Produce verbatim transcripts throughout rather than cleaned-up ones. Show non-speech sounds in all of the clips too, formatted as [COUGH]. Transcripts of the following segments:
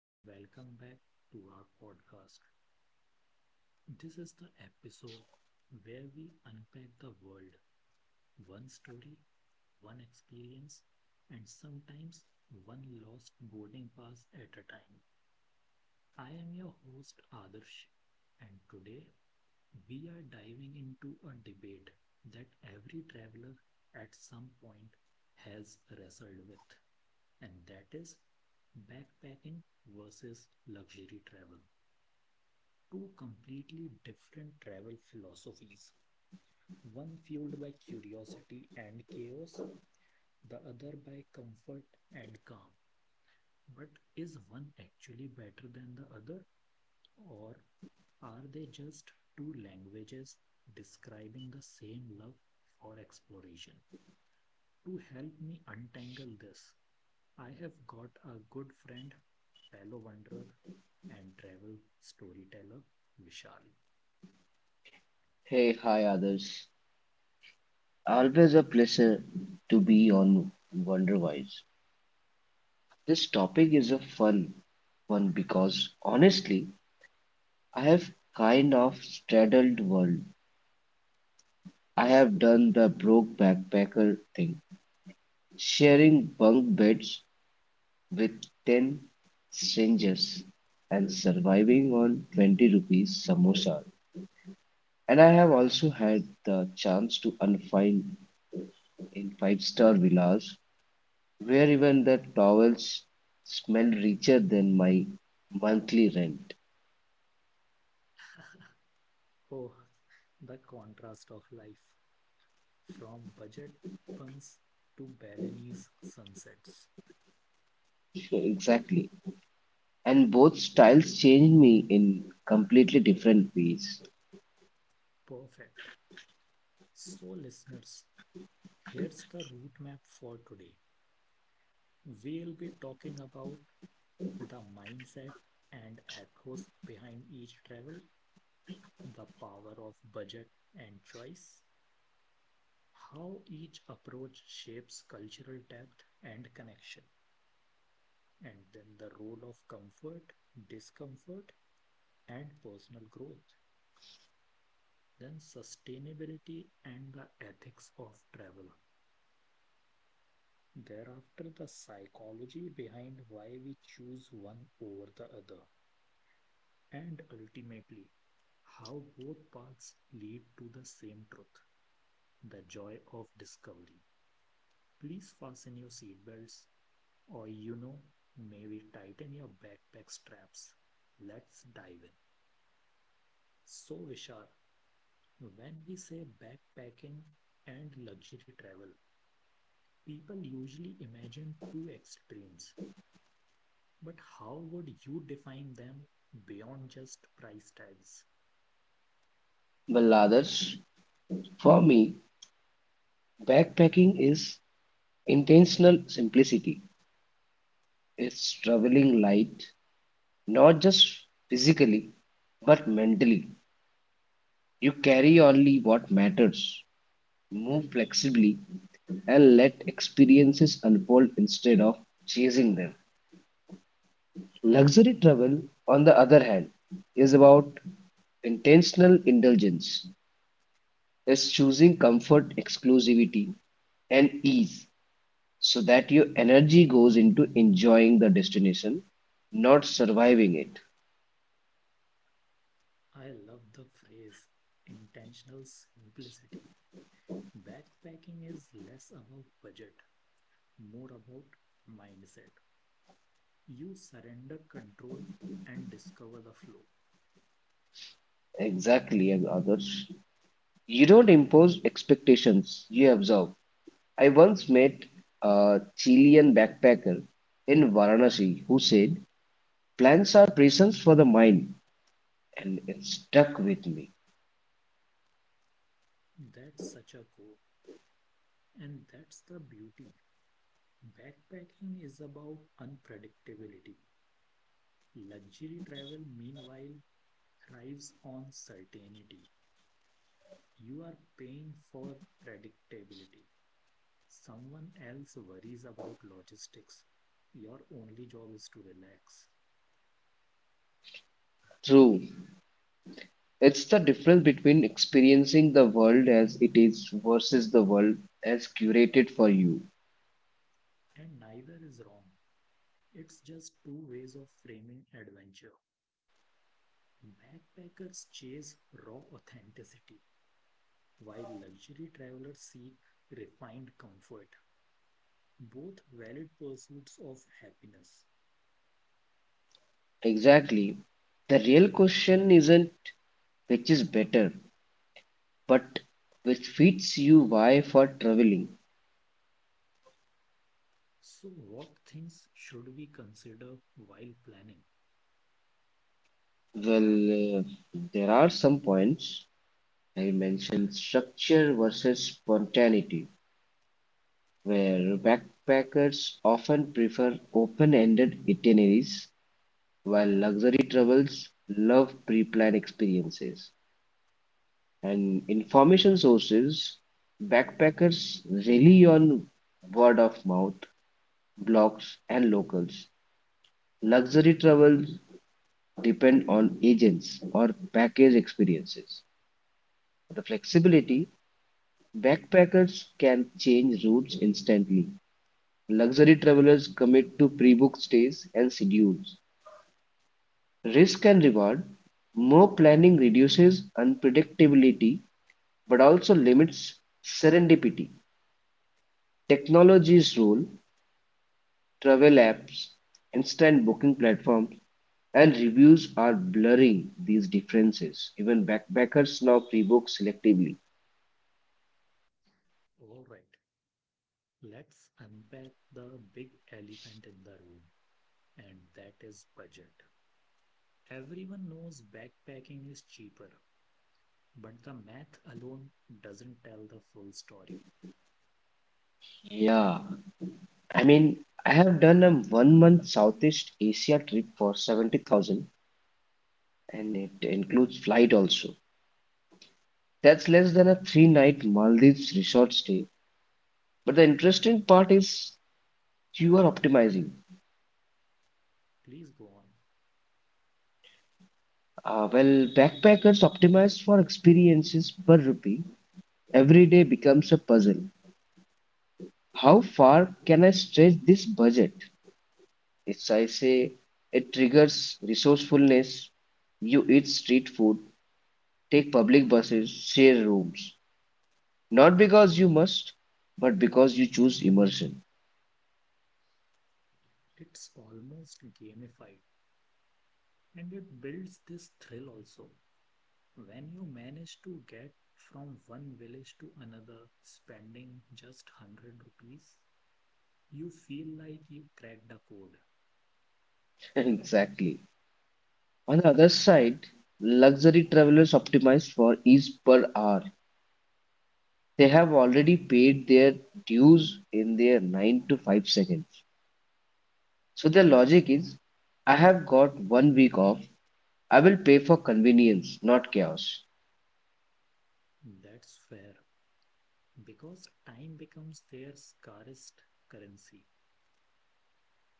and welcome back to our podcast. This is the episode where we unpack the world one story, one experience, and sometimes one lost boarding pass at a time. I am your host, Adarsh, and today we are diving into a debate that every traveler at some point has wrestled with, and that is backpacking versus luxury travel. Two completely different travel philosophies, one fueled by curiosity and chaos, the other by comfort and calm. But is one actually better than the other, or are they just two languages describing the same love for exploration? To help me untangle this, I have got a good friend, fellow wanderer, and travel storyteller, Vishal. Hey, hi others. Always a pleasure to be on Wonderwise. This topic is a fun one because honestly, I have kind of straddled world. I have done the broke backpacker thing, sharing bunk beds with ten strangers and surviving on twenty rupees samosa. And I have also had the chance to unwind in five-star villas where even the towels smell richer than my monthly rent. Oh, the contrast of life from budget bunks to Balinese sunsets. Sure, exactly. And both styles changed me in completely different ways. Perfect. So, listeners, here's the route map for today. We'll be talking about the mindset and ethos behind each travel, the power of budget and choice, how each approach shapes cultural depth and connection, and then the role of comfort, discomfort, and personal growth, then sustainability and the ethics of travel. Thereafter, the psychology behind why we choose one over the other, and ultimately, how both paths lead to the same truth, the joy of discovery. Please fasten your seatbelts. Or, you know, maybe tighten your backpack straps. Let's dive in. So, Vishal, when we say backpacking and luxury travel, people usually imagine two extremes. But how would you define them beyond just price tags? Well, others, for me, backpacking is intentional simplicity. It's traveling light, not just physically, but mentally. You carry only what matters, move flexibly, and let experiences unfold instead of chasing them. Luxury travel, on the other hand, is about intentional indulgence. It's choosing comfort, exclusivity, and ease so that your energy goes into enjoying the destination, not surviving it. I love the phrase intentional simplicity. Backpacking is less about budget, more about mindset. You surrender control and discover the flow. Exactly, and others. You don't impose expectations, you observe. I once met a Chilean backpacker in Varanasi who said, "Plans are prisons for the mind," and it stuck with me. That's such a core, and that's the beauty. Backpacking is about unpredictability. Luxury travel, meanwhile, thrives on certainty. You are paying for predictability. Someone else worries about logistics. Your only job is to relax. True, it's the difference between experiencing the world as it is versus the world as curated for you. And neither is wrong. It's just two ways of framing adventure. Backpackers chase raw authenticity, while luxury travelers seek refined comfort, both valid pursuits of happiness. Exactly. The real question isn't which is better, but which fits you why for traveling. So, what things should we consider while planning? Well, uh, there are some points. I mentioned structure versus spontaneity, where backpackers often prefer open-ended itineraries, while luxury travels love pre-planned experiences. And information sources, backpackers rely on word of mouth, blogs, and locals. Luxury travels depend on agents or package experiences. The flexibility, backpackers can change routes instantly. Luxury travelers commit to pre-booked stays and schedules. Risk and reward, more planning reduces unpredictability but also limits serendipity. Technology's role, travel apps, instant booking platforms, and reviews are blurring these differences. Even backpackers now pre-book selectively. All right, let's unpack the big elephant in the room, and that is budget. Everyone knows backpacking is cheaper, but the math alone doesn't tell the full story. Yeah, I mean, I have done a one month Southeast Asia trip for seventy thousand and it includes flight also. That's less than a three night Maldives resort stay. But the interesting part is you are optimizing. Please go on. Uh, well, backpackers optimize for experiences per rupee. Every day becomes a puzzle. How far can I stretch this budget? If I say it triggers resourcefulness, you eat street food, take public buses, share rooms. Not because you must, but because you choose immersion. It's almost gamified, and it builds this thrill also. When you manage to get from one village to another spending just one hundred rupees, you feel like you cracked the code. [LAUGHS] Exactly. On the other side, luxury travelers optimize for ease per hour. They have already paid their dues in their nine to five seconds. So their logic is I have got one week off. I will pay for convenience, not chaos. That's fair, because time becomes their scarcest currency.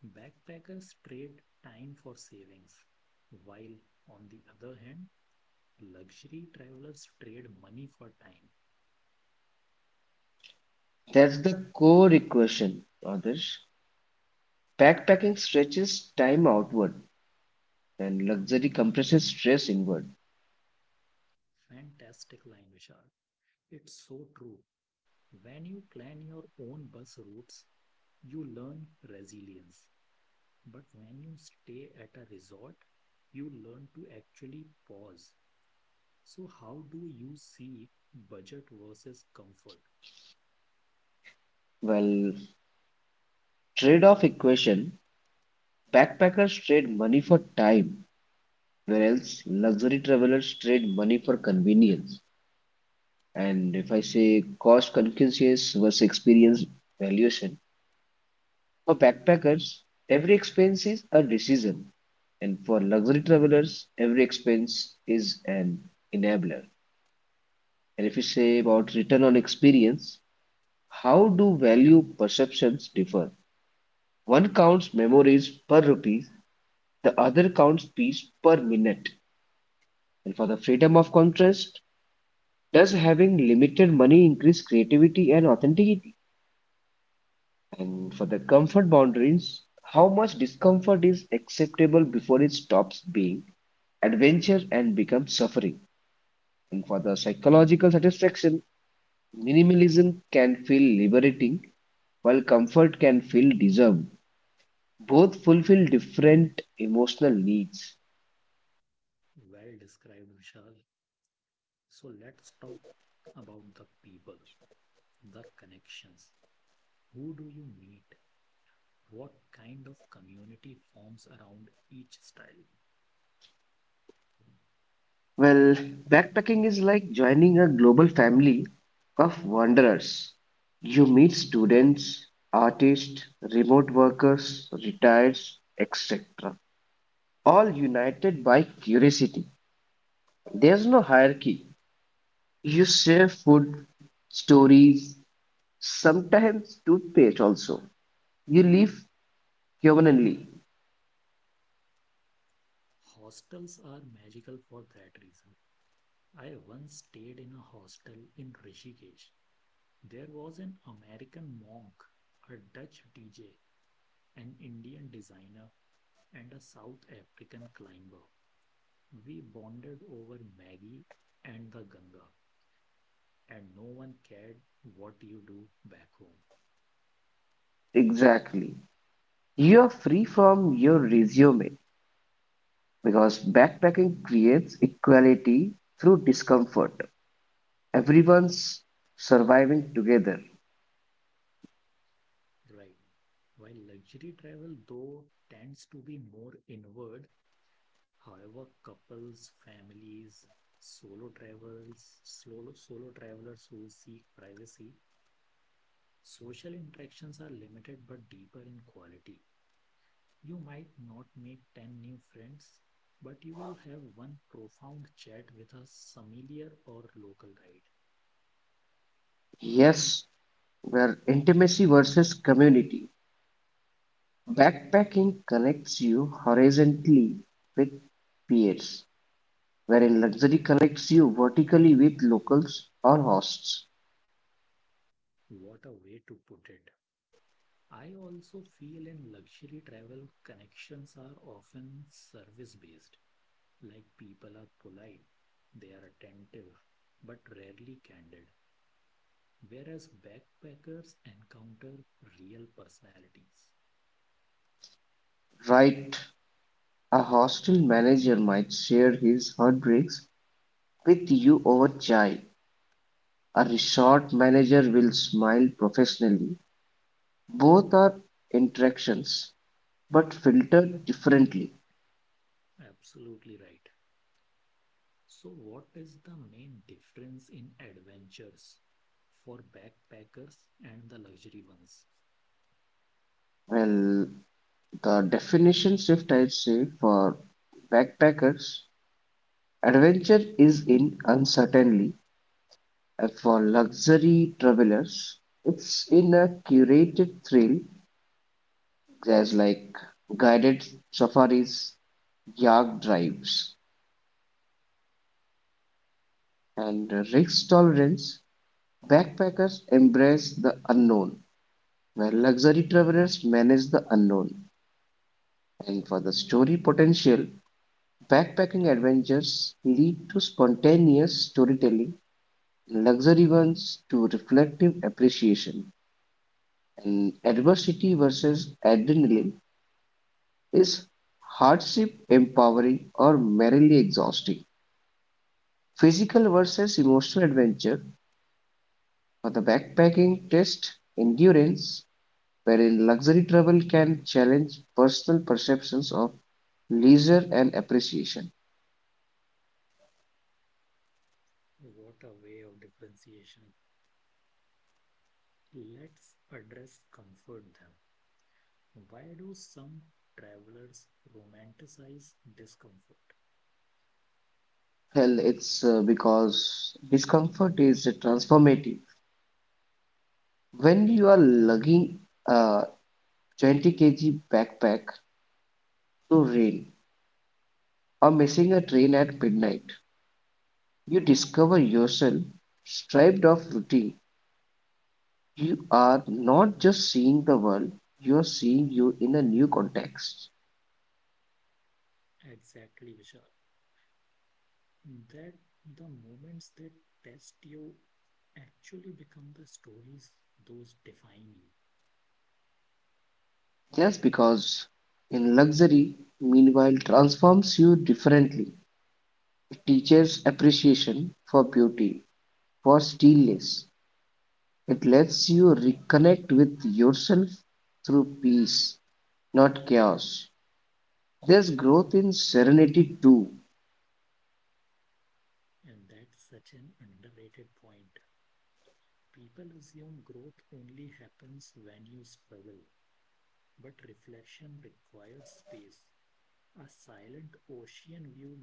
Backpackers trade time for savings, while on the other hand, luxury travelers trade money for time. That's the core equation, Adarsh. Backpacking stretches time outward and luxury compresses stress inward. Fantastic line, Vishal. It's so true. When you plan your own bus routes, you learn resilience. But when you stay at a resort, you learn to actually pause. So, how do you see budget versus comfort? Well, trade-off equation, backpackers trade money for time, whereas luxury travelers trade money for convenience. And if I say cost conscious versus experience valuation, for backpackers, every expense is a decision. And for luxury travelers, every expense is an enabler. And if you say about return on experience, how do value perceptions differ? One counts memories per rupee, the other counts piece per minute. And for the freedom of contrast, does having limited money increase creativity and authenticity? And for the comfort boundaries, how much discomfort is acceptable before it stops being adventure and becomes suffering? And for the psychological satisfaction, minimalism can feel liberating, while comfort can feel deserved. Both fulfill different emotional needs. Well described, Vishal. So, let's talk about the people, the connections. Who do you meet? What kind of community forms around each style? Well, backpacking is like joining a global family of wanderers. You meet students, artists, remote workers, retired, et cetera. All united by curiosity. There's no hierarchy. You share food, stories, sometimes toothpaste also. You live humanly. Hostels are magical for that reason. I once stayed in a hostel in Rishikesh. There was an American monk, a Dutch D J, an Indian designer, and a South African climber. We bonded over Maggie and the Ganga, and no one cared what you do back home. Exactly. You are free from your resume because backpacking creates equality through discomfort. Everyone's surviving together. Right. While luxury travel, though, tends to be more inward, however, couples, families, solo travels, solo, solo travelers who seek privacy. Social interactions are limited but deeper in quality. You might not make ten new friends, but you will have one profound chat with a familiar or local guide. Yes, where intimacy versus community. Backpacking connects you horizontally with peers, wherein luxury connects you vertically with locals or hosts. What a way to put it. I also feel in luxury travel, connections are often service based. Like, people are polite, they are attentive, but rarely candid. Whereas backpackers encounter real personalities. Right. A hostel manager might share his heartbreaks with you over chai. A resort manager will smile professionally. Both are interactions, but filtered differently. Absolutely right. So, what is the main difference in adventures for backpackers and the luxury ones? Well, the definition shift, I'd say, for backpackers adventure is in uncertainty, and for luxury travelers, it's in a curated thrill. There's like guided safaris, yak drives, and risk tolerance, backpackers embrace the unknown, where luxury travelers manage the unknown. And for the story potential, backpacking adventures lead to spontaneous storytelling, luxury ones to reflective appreciation. And adversity versus adrenaline is hardship empowering or merely exhausting. Physical versus emotional adventure for the backpacking test endurance wherein luxury travel can challenge personal perceptions of leisure and appreciation. What a way of differentiation. Let's address comfort then. Why do some travelers romanticize discomfort? Well, it's uh, because discomfort is transformative. When you are lugging a twenty kilograms backpack through rain or missing a train at midnight, you discover yourself stripped of routine. You are not just seeing the world, you are seeing you in a new context. Exactly, Vishal. That, the moments that test you actually become the stories those define you. Just because in luxury, meanwhile, transforms you differently. It teaches appreciation for beauty, for stillness. It lets you reconnect with yourself through peace, not chaos. There's growth in serenity too. And that's such an underrated point. People assume growth only happens when you struggle, but reflection requires space. A silent ocean view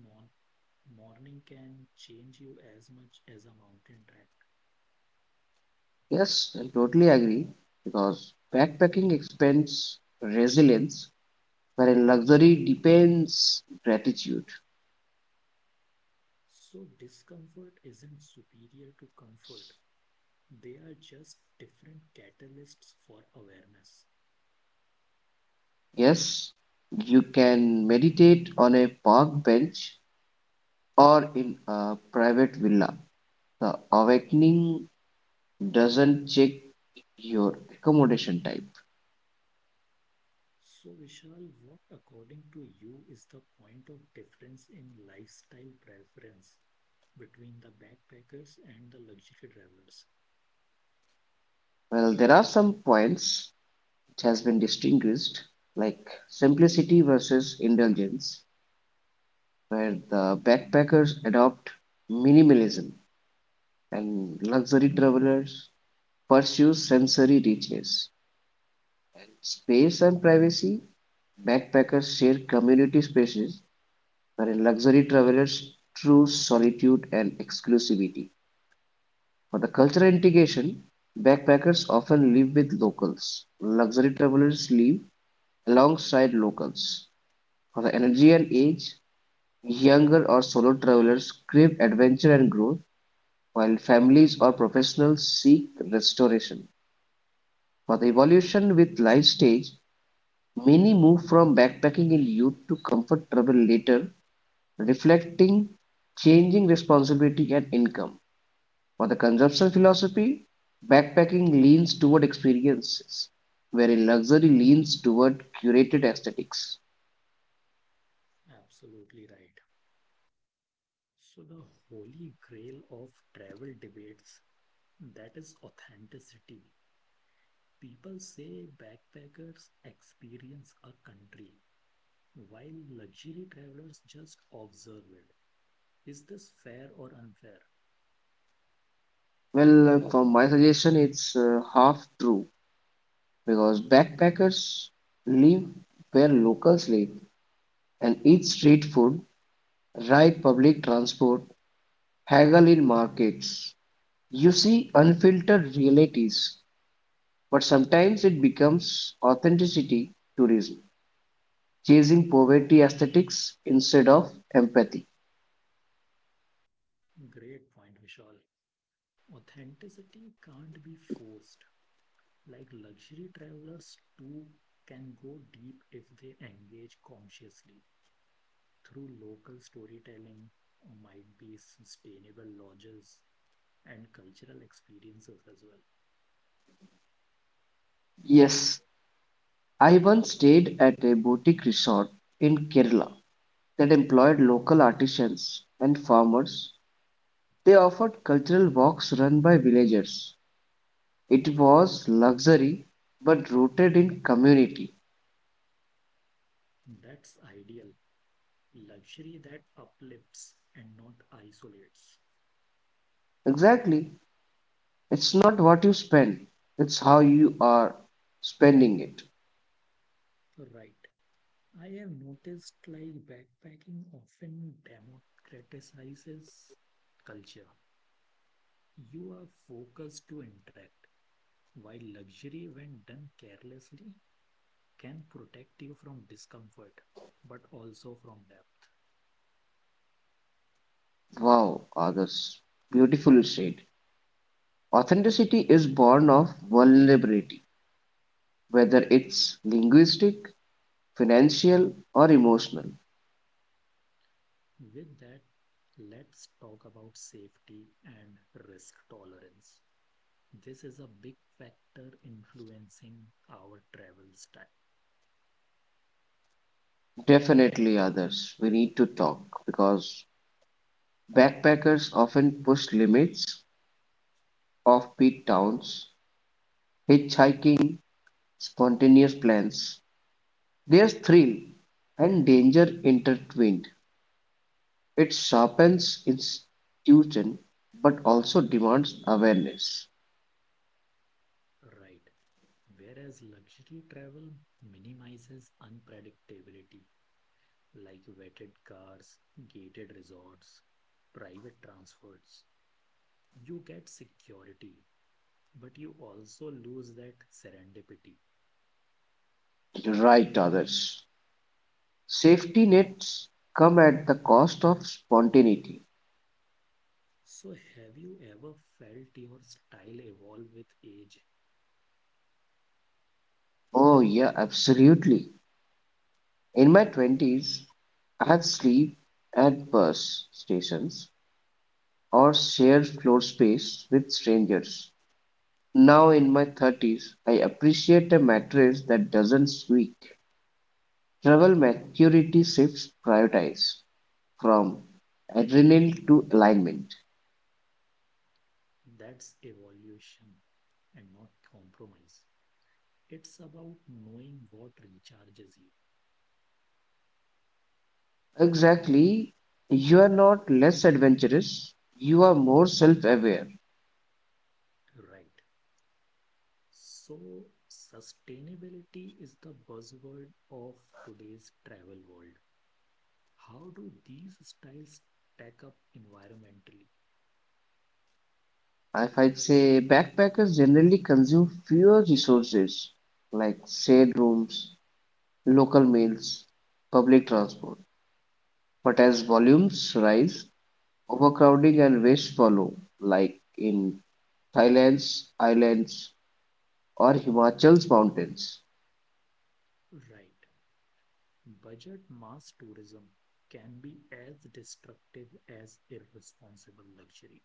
morning can change you as much as a mountain track. Yes, I totally agree because backpacking expands resilience, wherein luxury depends gratitude. So, discomfort isn't superior to comfort, they are just different catalysts for awareness. Yes, you can meditate on a park bench or in a private villa. The awakening doesn't check your accommodation type. So, Vishal, what according to you is the point of difference in lifestyle preference between the backpackers and the luxury travelers? Well, there are some points which has been distinguished, like simplicity versus indulgence, where the backpackers adopt minimalism and luxury travelers pursue sensory richness. Space and privacy, backpackers share community spaces, wherein luxury travelers choose solitude and exclusivity. For the cultural integration, backpackers often live with locals. Luxury travelers live alongside locals. For the energy and age, younger or solo travelers crave adventure and growth, while families or professionals seek restoration. For the evolution with life stage, many move from backpacking in youth to comfort travel later, reflecting changing responsibility and income. For the consumption philosophy, backpacking leans toward experiences, wherein luxury leans toward curated aesthetics. Absolutely right. So, the holy grail of travel debates, that is authenticity. People say backpackers experience a country, while luxury travelers just observe it. Is this fair or unfair? Well, for my suggestion, it's uh, half true because backpackers live where locals live and eat street food, ride public transport, haggle in markets. You see unfiltered realities, but sometimes it becomes authenticity tourism, chasing poverty aesthetics instead of empathy. Great point, Vishal. Authenticity can't be forced. Like, luxury travelers too can go deep if they engage consciously through local storytelling, or might be sustainable lodges and cultural experiences as well. Yes, I once stayed at a boutique resort in Kerala that employed local artisans and farmers. They offered cultural walks run by villagers. It was luxury but rooted in community. That's ideal. Luxury that uplifts and not isolates. Exactly, it's not what you spend, it's how you are spending it. Right. I have noticed like backpacking often democratizes culture. You are focused to interact. While luxury, when done carelessly, can protect you from discomfort, but also from depth. Wow, others. Beautifully said. Authenticity is born of vulnerability, whether it's linguistic, financial, or emotional. With that, let's talk about safety and risk tolerance. This is a big factor influencing our travel style, Definitely others. We need to talk because backpackers often push limits, offbeat towns, hitchhiking, spontaneous plans. There's thrill and danger intertwined. It sharpens institution but also demands awareness. right? Whereas luxury travel minimizes unpredictability, like vetted cars, gated resorts, private transfers. You get security, but you also lose that serendipity. You're right, others. Safety nets come at the cost of spontaneity. So, have you ever felt your style evolve with age? Oh, yeah, absolutely. In my twenties, I had slept at bus stations or shared floor space with strangers. Now in my thirties, I appreciate a mattress that doesn't squeak. Travel maturity shifts prioritize from adrenaline to alignment. That's evolution and not compromise. It's about knowing what recharges you, Exactly, you are not less adventurous, you are more self aware. right? So, sustainability is the buzzword of today's travel world. How do these styles stack up environmentally? If I say backpackers generally consume fewer resources like shared rooms, local meals, public transport. But as volumes rise, overcrowding and waste follow, like in Thailand's islands or Himachal's mountains. Right. Budget mass tourism can be as destructive as irresponsible luxury.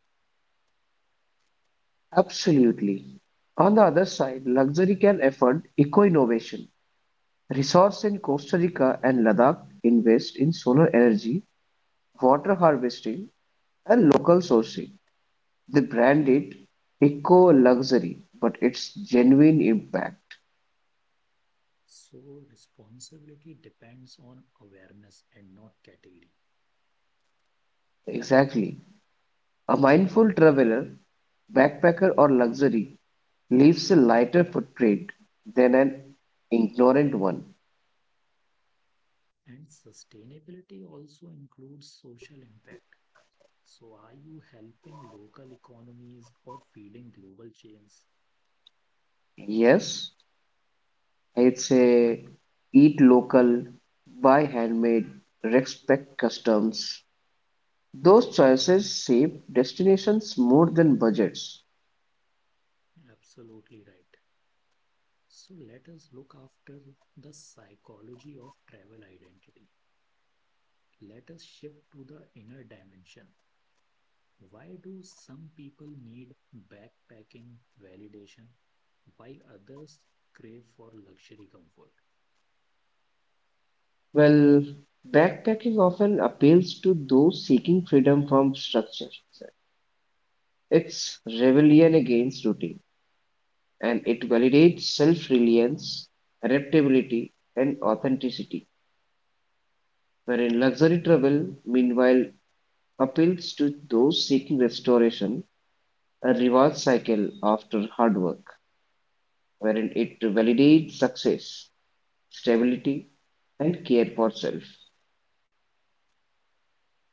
Absolutely. On the other side, luxury can afford eco innovation. Resource in Costa Rica and Ladakh invest in solar energy, water harvesting, and local sourcing. They brand it eco luxury, but its genuine impact. So, responsibility depends on awareness and not category. Exactly. A mindful traveler, backpacker or luxury leaves a lighter footprint than an ignorant one. And sustainability also includes social impact. So, are you helping local economies or feeding global chains? Yes, it's a eat local, buy handmade, respect customs. Those choices shape destinations more than budgets. Absolutely right. So, let us look after the psychology of travel identity. Let us shift to the inner dimension. Why do some people need backpacking validation while others crave for luxury comfort? Well, backpacking often appeals to those seeking freedom from structure. It's rebellion against routine. And it validates self-reliance, adaptability, and authenticity. Wherein luxury travel, meanwhile, appeals to those seeking restoration, a reward cycle after hard work, wherein it validates success, stability, and care for self.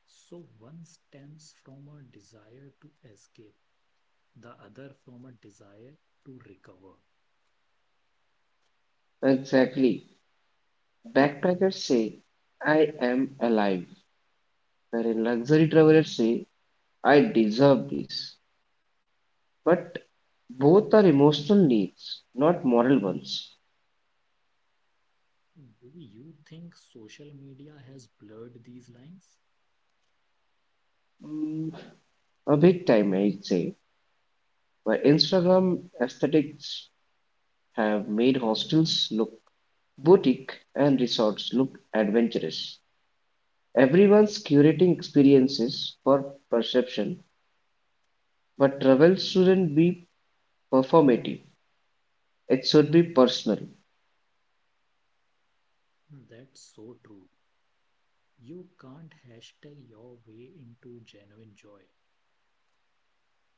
So one stems from a desire to escape, the other from a desire to recover. Exactly. Backpackers say, "I am alive," wherein luxury travelers say, "I deserve this." But both are emotional needs, not moral ones. Maybe you think social media has blurred these lines? Mm, a big time, I'd say, where Instagram aesthetics have made hostels look boutique and resorts look adventurous. Everyone's curating experiences for perception, but travel shouldn't be performative. It should be personal. Hmm. That's so true. You can't hashtag your way into genuine joy.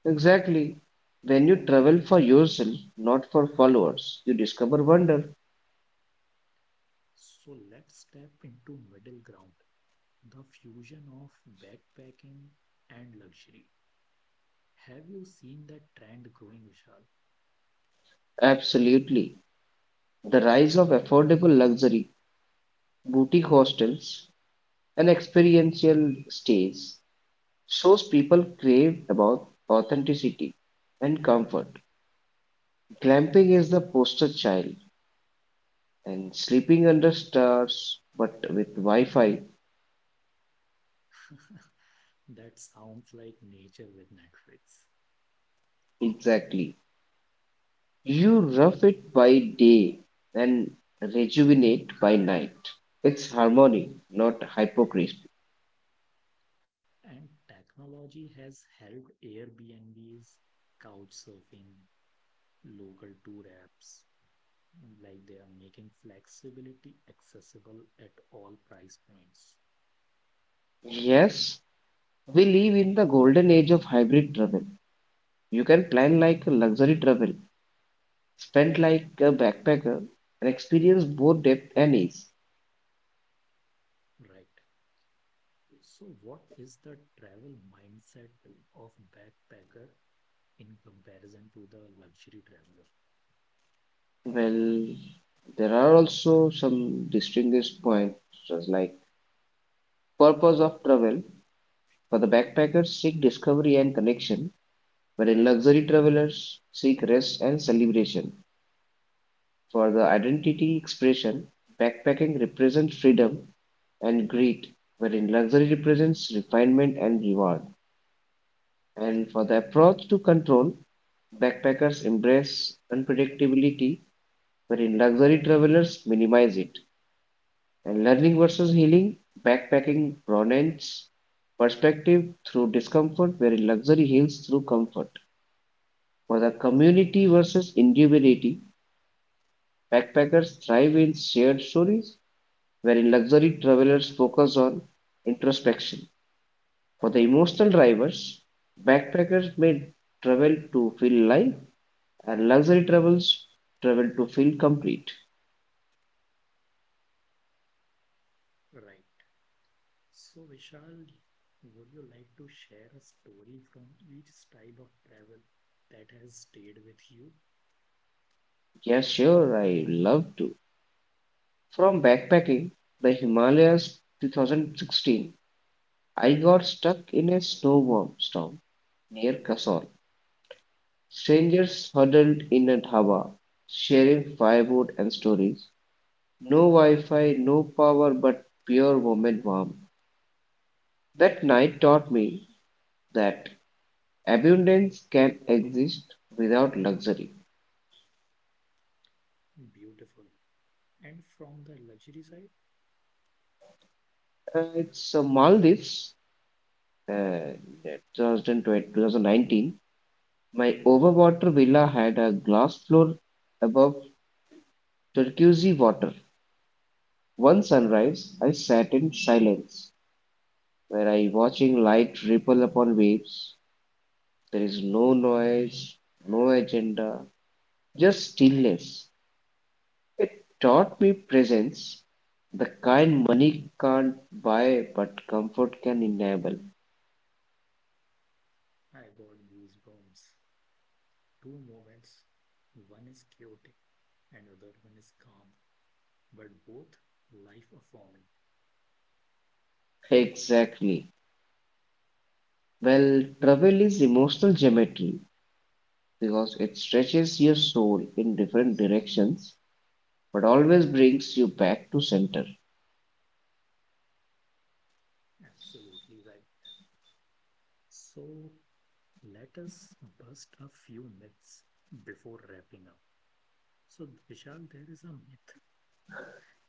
Exactly. When you travel for yourself, not for followers, you discover wonder. So let's step into middle ground, the fusion of backpacking and luxury. Have you seen that trend growing, Vishal? Absolutely. The rise of affordable luxury boutique hostels an experiential stage shows people crave about authenticity and comfort. Glamping is the poster child, and sleeping under stars, but with Wi-Fi, [LAUGHS] That sounds like nature with Netflix. exactly. You rough it by day and rejuvenate by night. It's harmony, not hypocrisy. And technology has helped, Airbnbs, couch surfing, local tour apps, like they are making flexibility accessible at all price points. Yes, we live in the golden age of hybrid travel. You can plan like a luxury travel spent like a backpacker and experience both depth and ease. Right. So, what is the travel mindset of backpacker in comparison to the luxury traveler? Well, there are also some distinguished points just like purpose of travel. For the backpackers, seek discovery and connection, whereas luxury travelers seek rest and celebration. For the identity expression, backpacking represents freedom and greed, wherein luxury represents refinement and reward. And for the approach to control, backpackers embrace unpredictability wherein luxury travelers minimize it. And learning versus healing, backpacking broadens perspective through discomfort, wherein luxury heals through comfort. For the community versus individuality, backpackers thrive in shared stories, wherein luxury travelers focus on introspection. For the emotional drivers, backpackers may travel to feel alive, and luxury travels travel to feel complete. Right. So, Vishal, would you like to share a story from each style of travel that has stayed with you? Yeah, sure, I love to. From backpacking the Himalayas twenty sixteen, I got stuck in a snowstorm storm near Kasol. Strangers huddled in a dhaba, sharing firewood and stories. No Wi Fi, no power, but pure woman warmth. That night taught me that abundance can exist without luxury. Beautiful. And from the luxury side, Uh, it's uh, Maldives, uh, two thousand nineteen. My overwater villa had a glass floor above turquoise water. One sunrise, I sat in silence, where I watching light ripple upon waves. There is no noise, no agenda, just stillness. It taught me presence, the kind money can't buy but comfort can enable. I got goosebumps. Two moments. One is chaotic and other one is calm, but both life affirming. Exactly. Well, travel is emotional geometry because it stretches your soul in different directions but always brings you back to center. Absolutely right. So let us bust a few myths before wrapping up. So Vishal, there is a myth: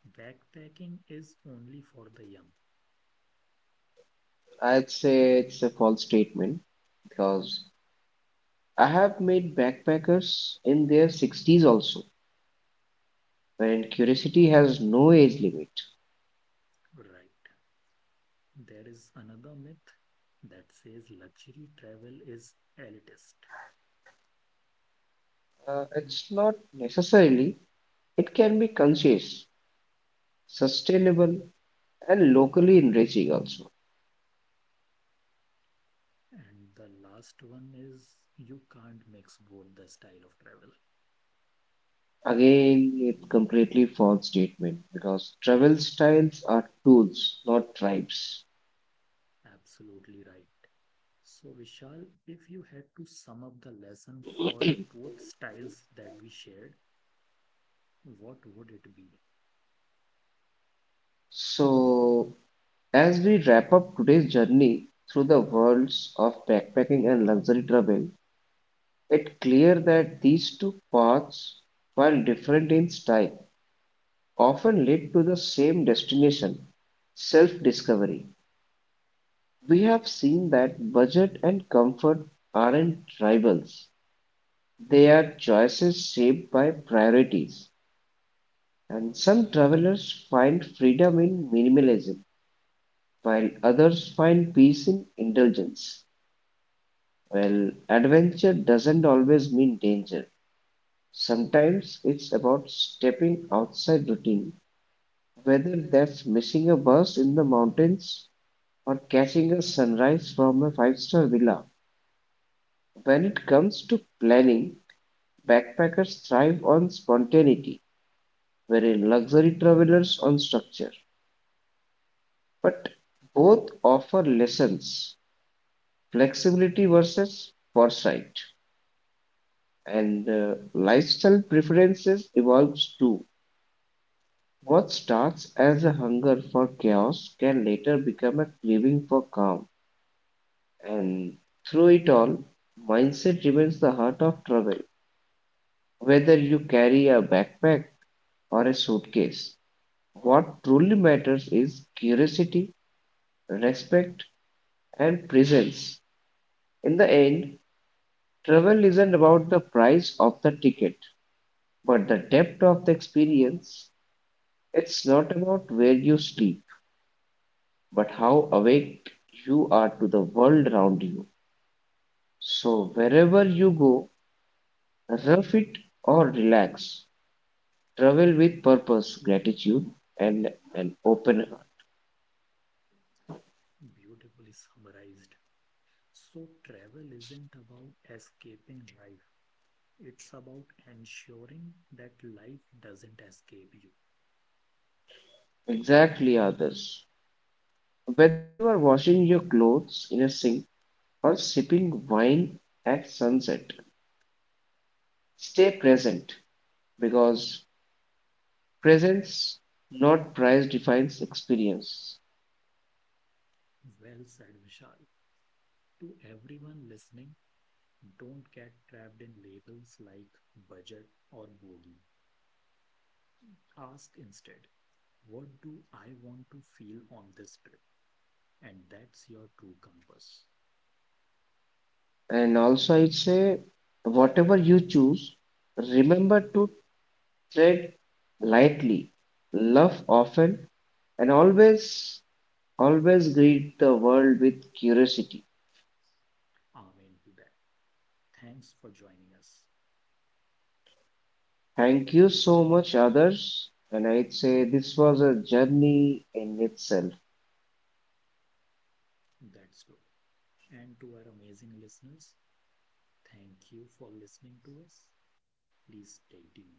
backpacking is only for the young. I'd say it's a false statement because I have made backpackers in their sixties also, wherein curiosity has no age limit. Right. There is another myth that says luxury travel is elitist. Uh, it's not necessarily, it can be conscious, sustainable, and locally enriching also. And the last one is, you can't mix both the style of travel. Again, it completely false statement because travel styles are tools, not tribes. Absolutely right. So, Vishal, if you had to sum up the lesson for both styles that we shared, what would it be? So as we wrap up today's journey through the worlds of backpacking and luxury travel, it's clear that these two paths, while different in style, often lead to the same destination, self-discovery. We have seen that budget and comfort aren't rivals. They are choices shaped by priorities. And some travelers find freedom in minimalism, while others find peace in indulgence. Well, adventure doesn't always mean danger. Sometimes it's about stepping outside routine, whether that's missing a bus in the mountains or catching a sunrise from a five-star villa. When it comes to planning, backpackers thrive on spontaneity, whereas luxury travelers on structure. But both offer lessons, flexibility versus foresight, and uh, lifestyle preferences evolves too. What starts as a hunger for chaos can later become a craving for calm, and through it all, mindset remains the heart of travel. Whether you carry a backpack or a suitcase, what truly matters is curiosity, respect, and presence. In the end, travel isn't about the price of the ticket, but the depth of the experience. It's not about where you sleep but how awake you are to the world around you. So, wherever you go, rough it or relax, travel with purpose, gratitude, and an open heart. Beautifully summarized. So, travel isn't about escaping life, it's about ensuring that life doesn't escape you. Exactly, others. Whether you are washing your clothes in a sink or sipping wine at sunset, stay present because presence, not price, defines experience. Well said, Vishali. To everyone listening, don't get trapped in labels like budget or bogey. Ask instead, what do I want to feel on this trip? And that's your true compass. And also, I'd say, whatever you choose, remember to tread lightly, love often, and always, always greet the world with curiosity. Amen to that. Thanks for joining us. Thank you so much, others. And I'd say this was a journey in itself. That's good. And to our amazing listeners, thank you for listening to us. Please stay tuned.